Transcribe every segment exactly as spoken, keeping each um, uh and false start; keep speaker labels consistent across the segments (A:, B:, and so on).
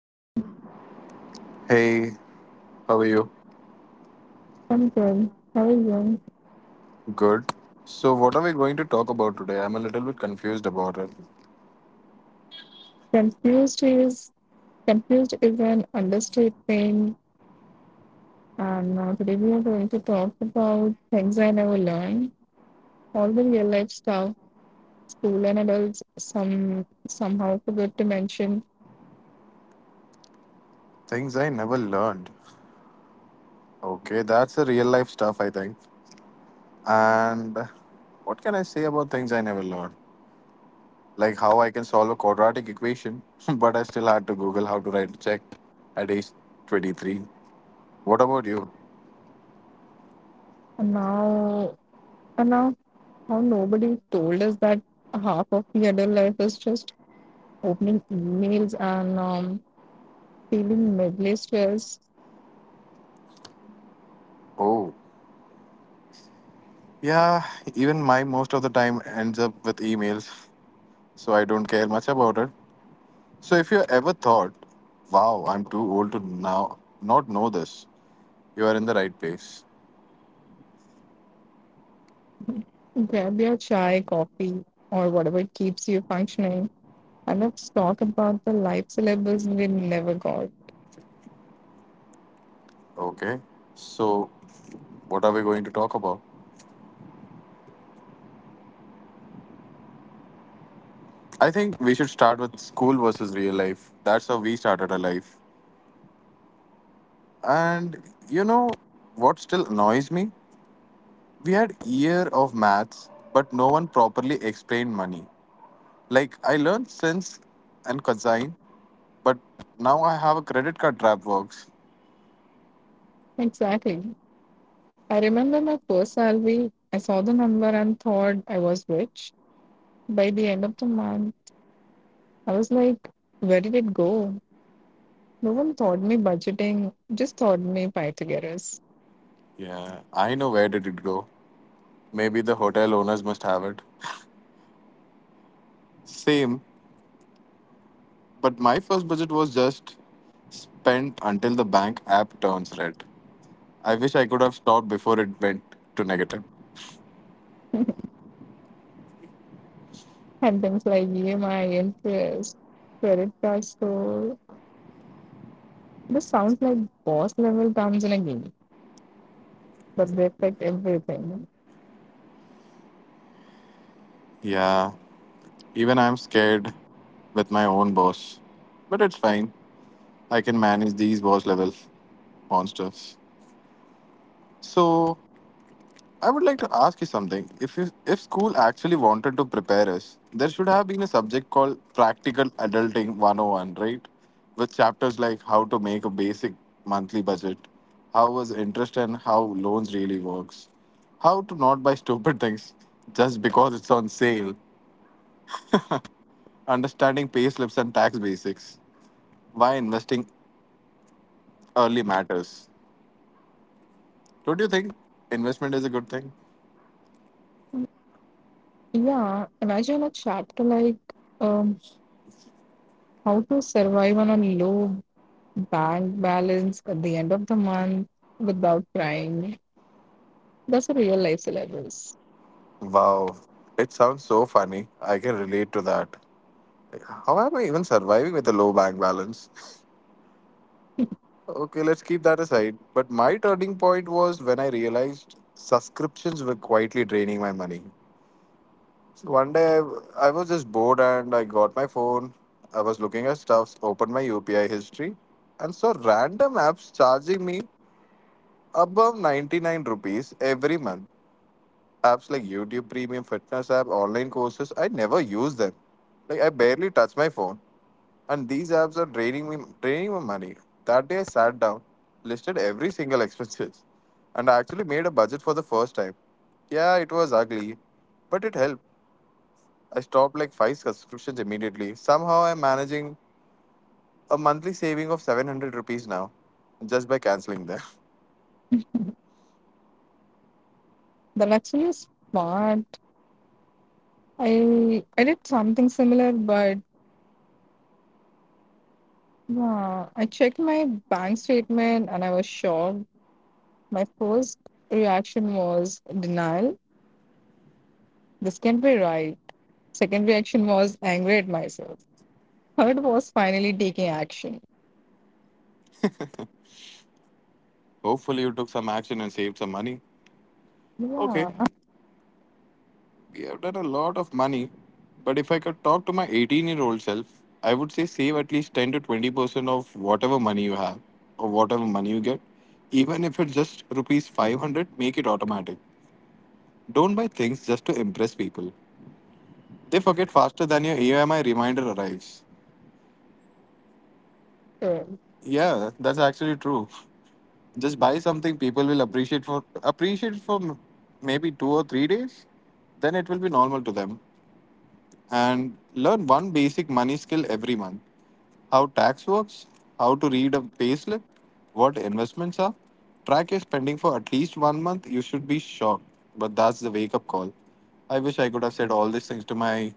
A: Hi,
B: Hey, how are you?
A: I'm good. How are you?
B: Good. So, what are we going to talk about today? I'm a little bit confused about it.
A: Confused is confused is an understatement. And now today we are going to talk about things I never learned, all the real life stuff, school and adults. Some somehow forgot to mention.
B: Things I never learned. Okay, that's the real life stuff, I think. And what can I say about things I never learned? Like how I can solve a quadratic equation, but I still had to Google how to write a check at age twenty-three. What about you?
A: And now, and now, how nobody told us that half of the adult life is just opening emails and um, feeling midly stressed.
B: Oh, yeah, even my most of the time ends up with emails, so I don't care much about it. So, if you ever thought, wow, I'm too old to now not know this, you are in the right place.
A: Grab your chai, coffee, or whatever keeps you functioning. And let's talk about the life syllabus we never got.
B: Okay. So, what are we going to talk about? I think we should start with school versus real life. That's how we started our life. And you know what still annoys me? We had year of maths, but no one properly explained money. Like I learned cents and cosine, but now I have a credit card trap works.
A: Exactly. I remember my first salary. I saw the number and thought I was rich. By the end of the month, I was like, where did it go? No one taught me budgeting, just taught me Pythagoras.
B: Yeah, I know where did it go. Maybe the hotel owners must have it. Same, but my first budget was just spent until the bank app turns red. I wish I could have stopped before it went to negative.
A: And things like E M I, interest, credit card score. This sounds like boss level terms in a game, but they affect everything.
B: Yeah, even I'm scared with my own boss. But it's fine. I can manage these boss level monsters. So, I would like to ask you something. If you, if school actually wanted to prepare us, there should have been a subject called Practical Adulting one oh one, right? With chapters like how to make a basic monthly budget, how was interest and how loans really works, how to not buy stupid things just because it's on sale, understanding pay slips and tax basics, why investing early matters. Don't you think investment is a good thing?
A: Yeah, imagine a chapter like um, how to survive on a low bank balance at the end of the month without crying. That's a real life syllabus.
B: Wow, it sounds so funny. I can relate to that. How am I even surviving with a low bank balance? Okay, let's keep that aside. But my turning point was when I realized subscriptions were quietly draining my money. So one day I I was just bored and I got my phone. I was looking at stuffs, opened my U P I history, and saw random apps charging me above ninety-nine rupees every month. Apps like YouTube Premium, Fitness app, online courses, I never use them. Like I barely touch my phone. And these apps are draining me draining my money. That day I sat down, listed every single expenses, and I actually made a budget for the first time. Yeah, it was ugly, but it helped. I stopped like five subscriptions immediately. Somehow I'm managing a monthly saving of seven hundred rupees now just by canceling them.
A: The actually is smart. I I did something similar, but yeah, I checked my bank statement and I was shocked. My first reaction was denial. This can't be right. Second reaction was angry at myself. Third was finally taking action.
B: Hopefully you took some action and saved some money. Okay.
A: Yeah,
B: We have done a lot of money, but if I could talk to my eighteen year old self, I would say save at least ten to twenty percent of whatever money you have or whatever money you get. Even if it's just rupees five hundred, make it automatic. Don't buy things just to impress people. They forget faster than your E M I reminder arrives.
A: after. It.
B: Yeah, that's actually true. Just buy something people will appreciate for appreciate for m- maybe two or three days, then it will be normal to them. And learn one basic money skill every month, how tax works, how to read a payslip, what investments are. Track your spending for at least one month. You should be shocked, but that's the wake up call. I wish I could have said all these things to myself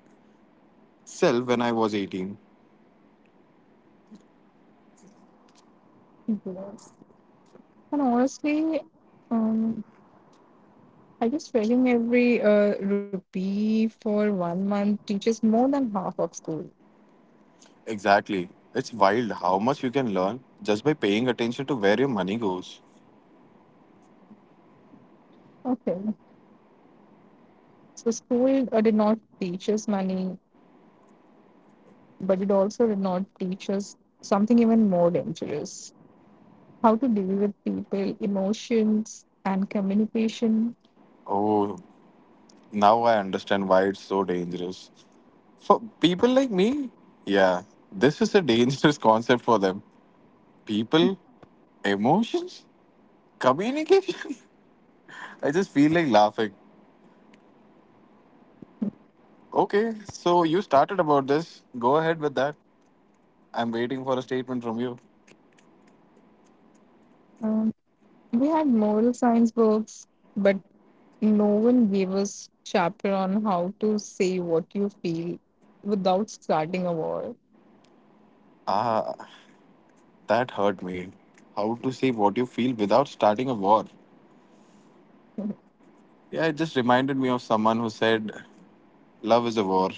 B: when I was eighteen.
A: Yes. And honestly, um, I guess trading every uh, rupee for one month teaches more than half of school.
B: Exactly. It's wild how much you can learn just by paying attention to where your money goes.
A: Okay. So school uh, did not teach us money, but it also did not teach us something even more dangerous: how to deal with people, emotions, and communication.
B: Oh, now I understand why it's so dangerous. For people like me, yeah, this is a dangerous concept for them. People, emotions, communication. I just feel like laughing. Okay, so you started about this. Go ahead with that. I'm waiting for a statement from you.
A: Um, we had moral science books, but no one gave us chapter on how to say what you feel without starting a war.
B: Ah, that hurt me. How to say what you feel without starting a war? Yeah, it just reminded me of someone who said, Love is a war.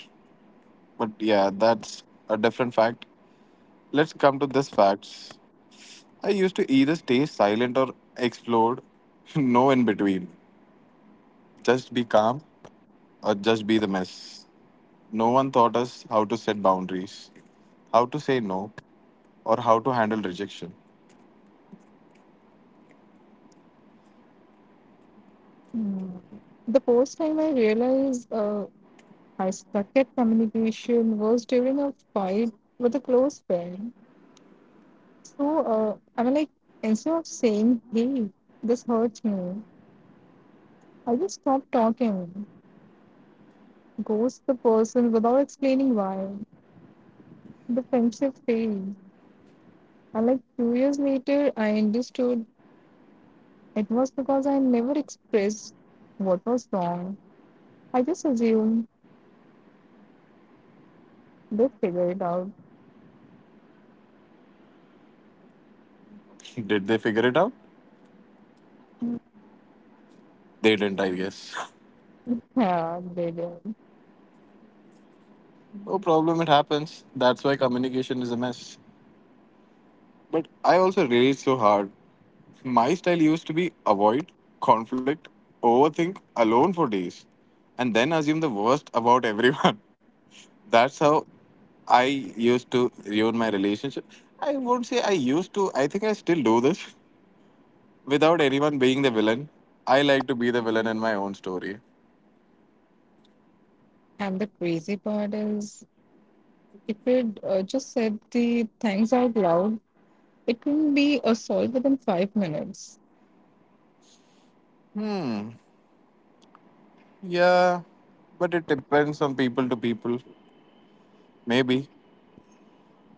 B: But yeah, that's a different fact. Let's come to this facts. I used to either stay silent or explode. No in between. Just be calm or just be the mess. No one taught us how to set boundaries, how to say no, or how to handle rejection.
A: Mm. The first time I realized uh, I stuck at communication was during a fight with a close friend. So uh, I mean, like, instead of saying, "Hey, this hurts me," I just stopped talking, ghost the person without explaining why. The friendship failed, and like two years later, I understood it was because I never expressed what was wrong. I just assumed they figured it out.
B: Did they figure it out? They didn't, I guess.
A: Yeah, they did.
B: No problem, it happens. That's why communication is a mess. But I also relate so hard. My style used to be avoid, conflict, overthink, alone for days, and then assume the worst about everyone. That's how I used to ruin my relationship. I won't say I used to, I think I still do this. Without anyone being the villain, I like to be the villain in my own story.
A: And the crazy part is, if it uh, just said the thanks out loud, it can be a solve within five minutes.
B: Hmm. Yeah, but it depends from people to people. Maybe.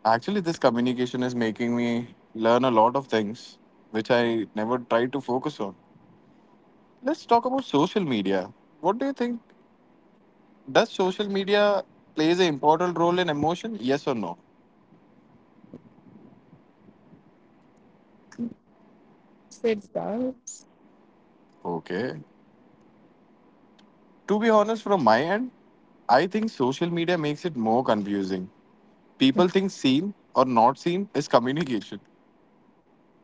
B: Actually, this communication is making me learn a lot of things which I never tried to focus on. Let's talk about social media. What do you think? Does social media plays an important role in emotion? Yes or no?
A: So it.
B: Okay. To be honest, from my end, I think social media makes it more confusing. People think seen or not seen is communication.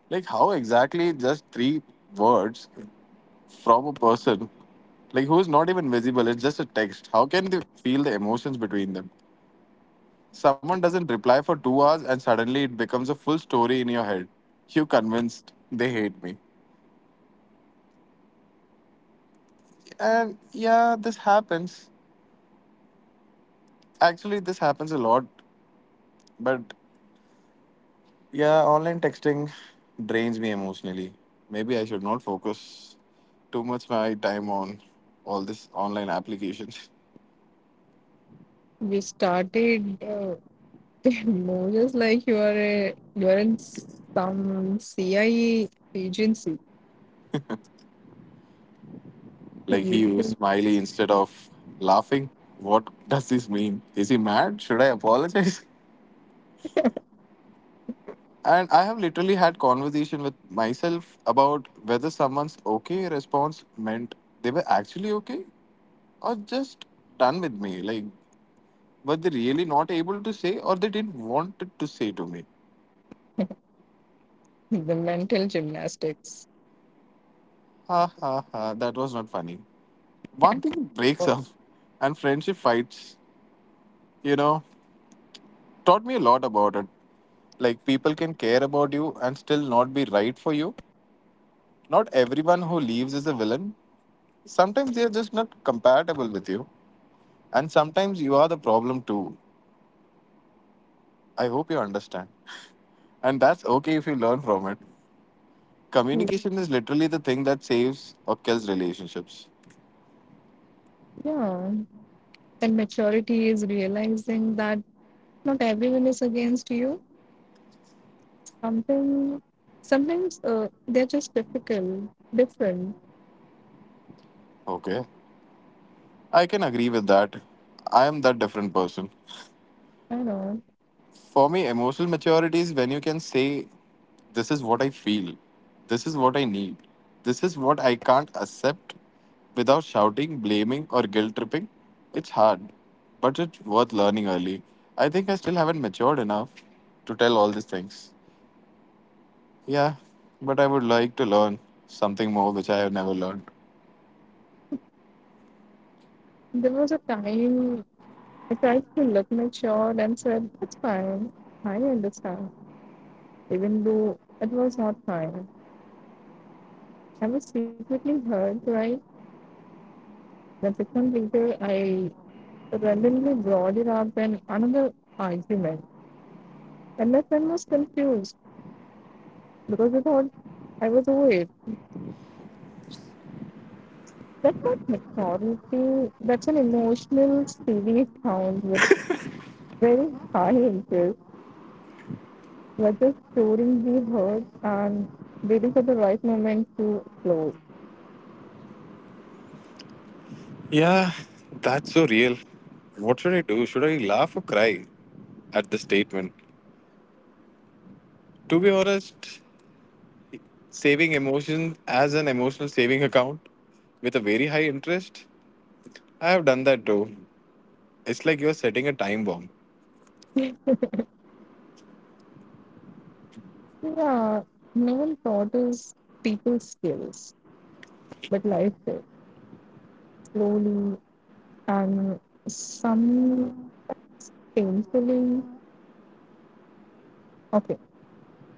B: Like how exactly just three words from a person, like who is not even visible, it's just a text. How can they feel the emotions between them? Someone doesn't reply for two hours and suddenly it becomes a full story in your head. You convinced they hate me. And yeah, this happens. Actually this happens a lot. But yeah, online texting drains me emotionally. Maybe I should not focus too much my time on all this online applications.
A: You started uh, more just like you are a, you are in some C I A agency.
B: Like he
A: You
B: used smiley instead of laughing. What does this mean? Is he mad? Should I apologize? And I have literally had conversation with myself about whether someone's okay response meant they were actually okay or just done with me. Like were they really not able to say or they didn't want it to say to me?
A: the mental gymnastics.
B: Ha ha ha, that was not funny. One thing breaks
A: Or-
B: up and friendship fights, you know, taught me a lot about it. Like, people can care about you and still not be right for you. Not everyone who leaves is a villain. Sometimes they are just not compatible with you. And sometimes you are the problem too. I hope you understand. And that's okay if you learn from it. Communication is literally the thing that saves or kills relationships.
A: Yeah, and maturity is realizing that not everyone is against you. Something, sometimes uh, they're just difficult, different.
B: Okay. I can agree with that. I am that different person.
A: I don't know.
B: For me, emotional maturity is when you can say, this is what I feel. This is what I need. This is what I can't accept without shouting, blaming, or guilt tripping. It's hard, but it's worth learning early. I think I still haven't matured enough to tell all these things. Yeah, but I would like to learn something more which I have never learned.
A: There was a time I tried to look matured and said, "It's fine. I understand," even though it was not fine. I was secretly hurt, right? Then six months later, I randomly brought it up in another argument, and my friend was confused because he thought I was over it. That's not maturity. That's an emotional saving account very high interest. We're just storing the hurt and waiting for the right moment to close.
B: Yeah, that's so real. What should I do? Should I laugh or cry at the statement? To be honest, saving emotions as an emotional saving account with a very high interest. I have done that too. It's like you're setting a time bomb.
A: Yeah, no one taught us people skills, but life did slowly and some painfully. Okay,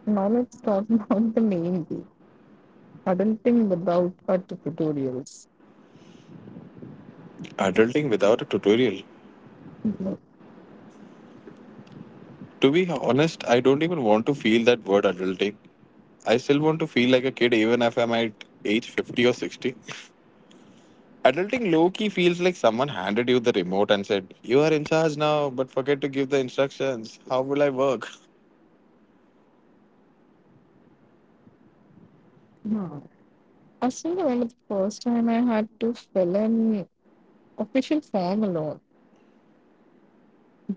A: now let's talk about the main thing adulting without our tutorials.
B: Adulting without a tutorial.
A: Mhm.
B: To be honest, I don't even want to feel that word adulting. I still want to feel like a kid even if I'm at age fifty or sixty. Adulting low key feels like someone handed you the remote and said, you are in charge now, but forget to give the instructions. How will I work?
A: Yeah. I still remember the first time I had to fill an official form alone.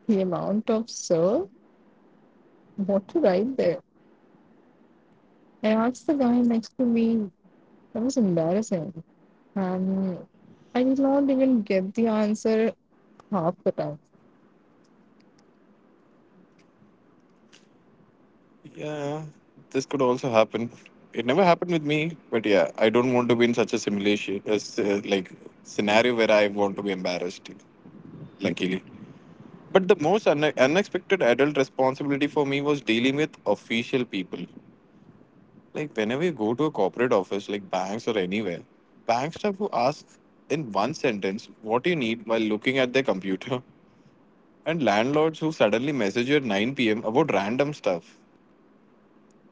A: The amount of sir what to write there. I asked the guy next to me. That was embarrassing. And I did not even get the answer half the time.
B: Yeah, this could also happen. It never happened with me, but yeah, I don't want to be in such a simulation, a s- uh, like scenario where I want to be embarrassed. Luckily, but the most une- unexpected adult responsibility for me was dealing with official people. Like whenever you go to a corporate office, like banks or anywhere, bank staff who ask in one sentence what you need while looking at their computer, and landlords who suddenly message you at nine p m about random stuff.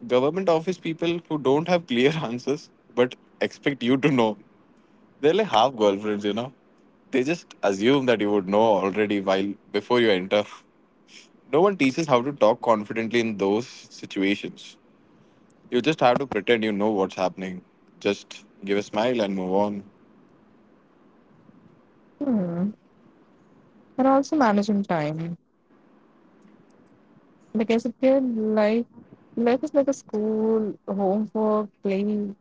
B: Government office people who don't have clear answers but expect you to know. They're like half girlfriends, you know. They just assume that you would know already while before you enter. No one teaches how to talk confidently in those situations. You just have to pretend you know what's happening. Just give a smile and move on.
A: Hmm. And also managing time. Like as a kid, life, life is like a school, homework, play. It's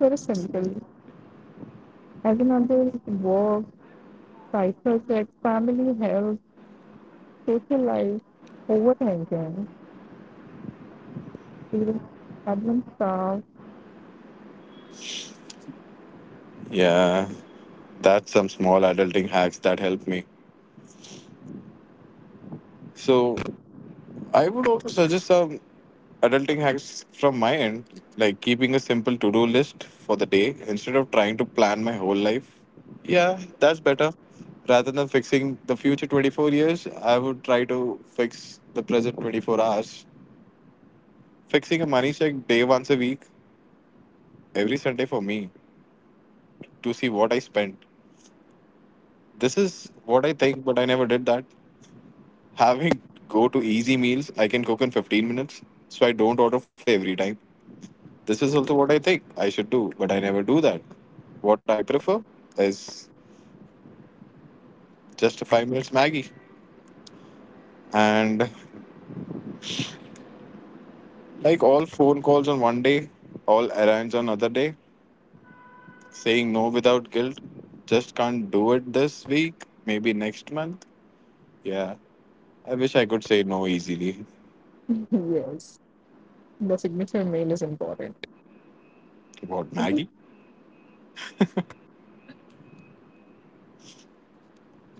A: very simple. As an adult, work, side projects, family, health, social life, overthinking, even problem solved.
B: Yeah, that's some small adulting hacks that help me. So I would also suggest some adulting hacks from my end, like keeping a simple to do list for the day instead of trying to plan my whole life. Yeah, that's better. Rather than fixing the future twenty-four years, I would try to fix the present twenty-four hours. Fixing a money check day once a week, every Sunday for me, to see what I spent. This is what I think, but I never did that. Having go to easy meals, I can cook in fifteen minutes, so I don't order food every time. This is also what I think I should do, but I never do that. What I prefer is just a five minutes Maggie. And like all phone calls on one day, all errands on other day, saying no without guilt, just can't do it this week, maybe next month. Yeah, I wish I could say no easily.
A: Yes, the signature mail is important.
B: What,
A: At the
B: Maggie?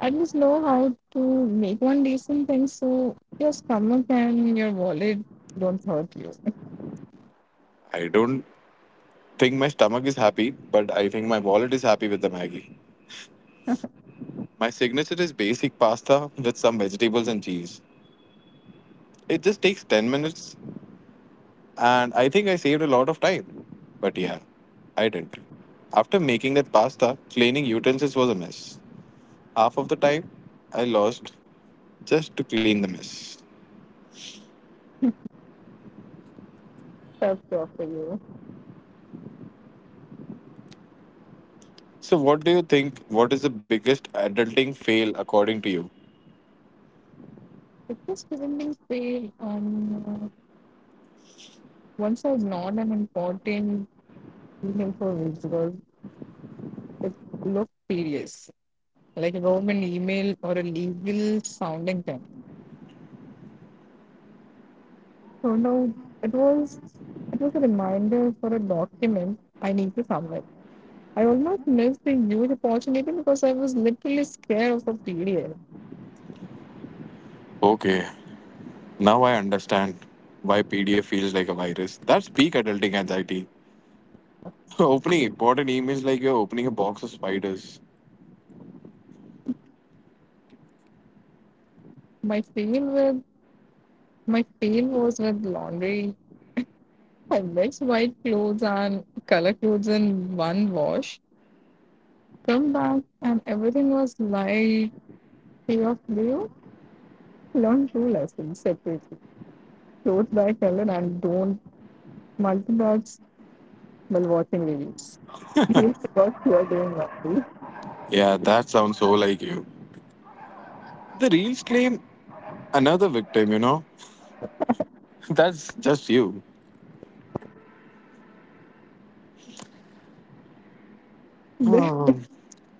A: I just know how to make one decent thing so your stomach and your wallet don't hurt you.
B: I don't think my stomach is happy, but I think my wallet is happy with the Maggie. My signature is basic pasta with some vegetables and cheese. It just takes ten minutes. And I think I saved a lot of time. But yeah, I didn't. After making that pasta, cleaning utensils was a mess. Half of the time I lost just to clean the mess.
A: Tough job for you.
B: So, what do you think? What is the biggest adulting fail according to you?
A: It was preventing pain. Um, once I ignored an important email for weeks because it looked serious, like a government email or a legal sounding thing. So now it was it was a reminder for a document I need to submit. I almost missed the huge opportunity because I was literally scared of a P D F.
B: Okay, now I understand why P D F feels like a virus. That's peak adulting anxiety. Opening important emails like you're opening a box of spiders.
A: My fail with my fail was with laundry. I mixed white clothes and color clothes in one wash. Come back and everything was light shade of blue. Learn two lessons separately. Clothes by color and don't multitask while watching reels. You forgot you are doing laundry.
B: Yeah, that sounds so like you. The reels claim another victim, you know? That's just you. Oh,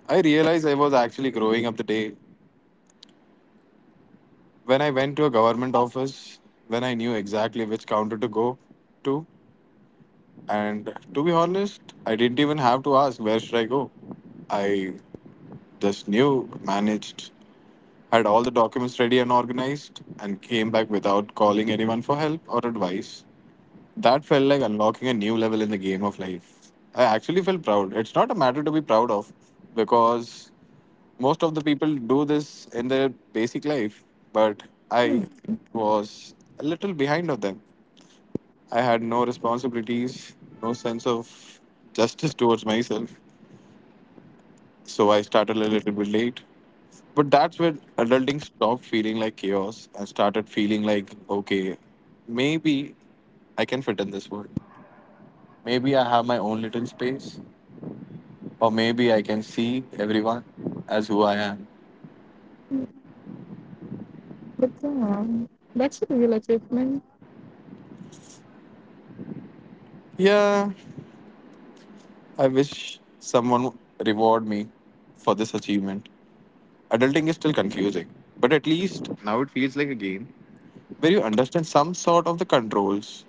B: I realized I was actually growing up the day when I went to a government office when I knew exactly which counter to go to. And to be honest, I didn't even have to ask where should I go. I just knew, managed, had all the documents ready and organized, and came back without calling anyone for help or advice. That felt like unlocking a new level in the game of life. I actually felt proud. It's not a matter to be proud of because most of the people do this in their basic life, but I
A: Then-
B: was a little behind of them. I had no responsibilities, no sense of justice towards myself, so I started a little bit late. But that's when adulting stopped feeling like chaos and started feeling like okay, maybe I can fit in this world, maybe I have my own little space, or maybe I can see everyone as who I am.
A: but yeah, that's a real achievement.
B: Yeah, I wish someone reward me for this achievement. Adulting is still confusing, but at least now it feels like a game where you understand some sort of the controls.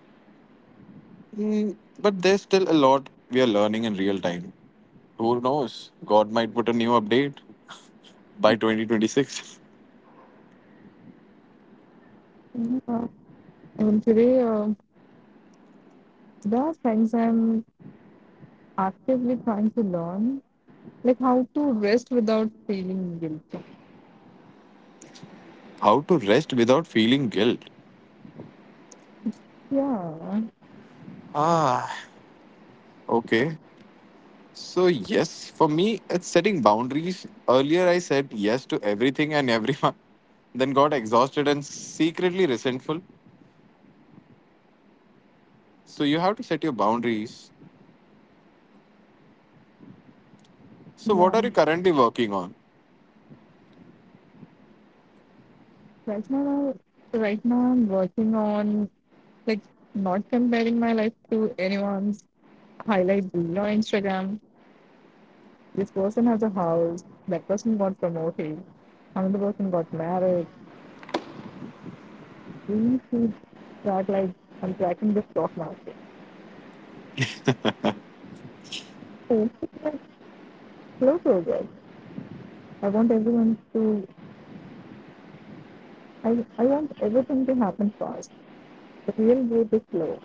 B: Mm, but there's still a lot we are learning in real time. Who knows? God might put a new update by twenty twenty-six.
A: Yeah. And today, uh, there are things I'm actively trying to learn. Like how to rest without feeling guilty.
B: How to rest without feeling guilt.
A: Yeah,
B: Ah, okay. So, yes, for me, it's setting boundaries. Earlier, I said yes to everything and everyone, then got exhausted and secretly resentful. So, you have to set your boundaries. So, what
A: yeah.
B: are you currently working on?
A: Right now, right now I'm working on like not comparing my life to anyone's highlight reel on Instagram. This person has a house. That person got promoted. Another person got married. We should track like I'm tracking the stock market. So it's like slow progress. I want everyone to. I I want everything to happen fast. The real growth is slow.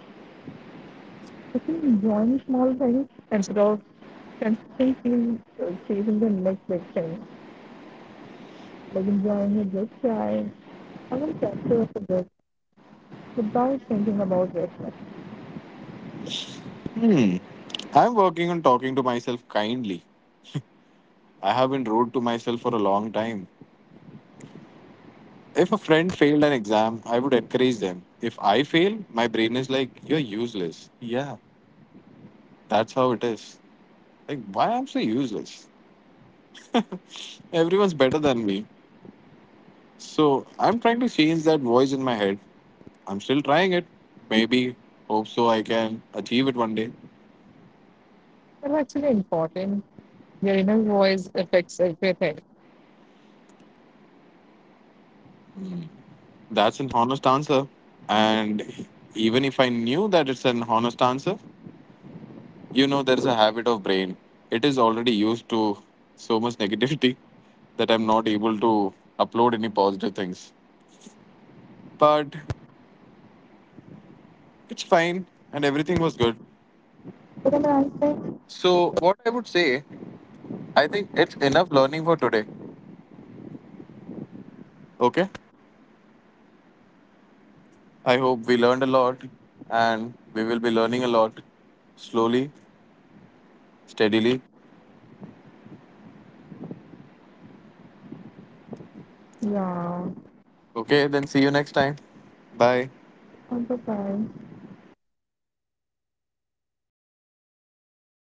A: Join small things instead of constantly uh, chasing the next big thing. Like enjoying a good cry or one chapter of a book without thinking about it.
B: I'm working on talking to myself kindly. I have been rude to myself for a long time. If a friend failed an exam, I would encourage them. If I fail, my brain is like, you're useless. Yeah, that's how it is. Like, why I'm so useless? Everyone's better than me. So I'm trying to change that voice in my head. I'm still trying it. Maybe, hope so I can achieve it one day.
A: That's actually important. Your inner voice affects everything.
B: That's an honest answer. And even if I knew that it's an honest answer, you know, there's a habit of brain. It is already used to so much negativity that I'm not able to upload any positive things. But it's fine and everything was good.
A: But then I think,
B: So, what I would say, I think it's enough learning for today. Okay? I hope we learned a lot and we will be learning a lot slowly, steadily.
A: yeah,
B: Okay, then see you next time. Bye.
A: I'm the time.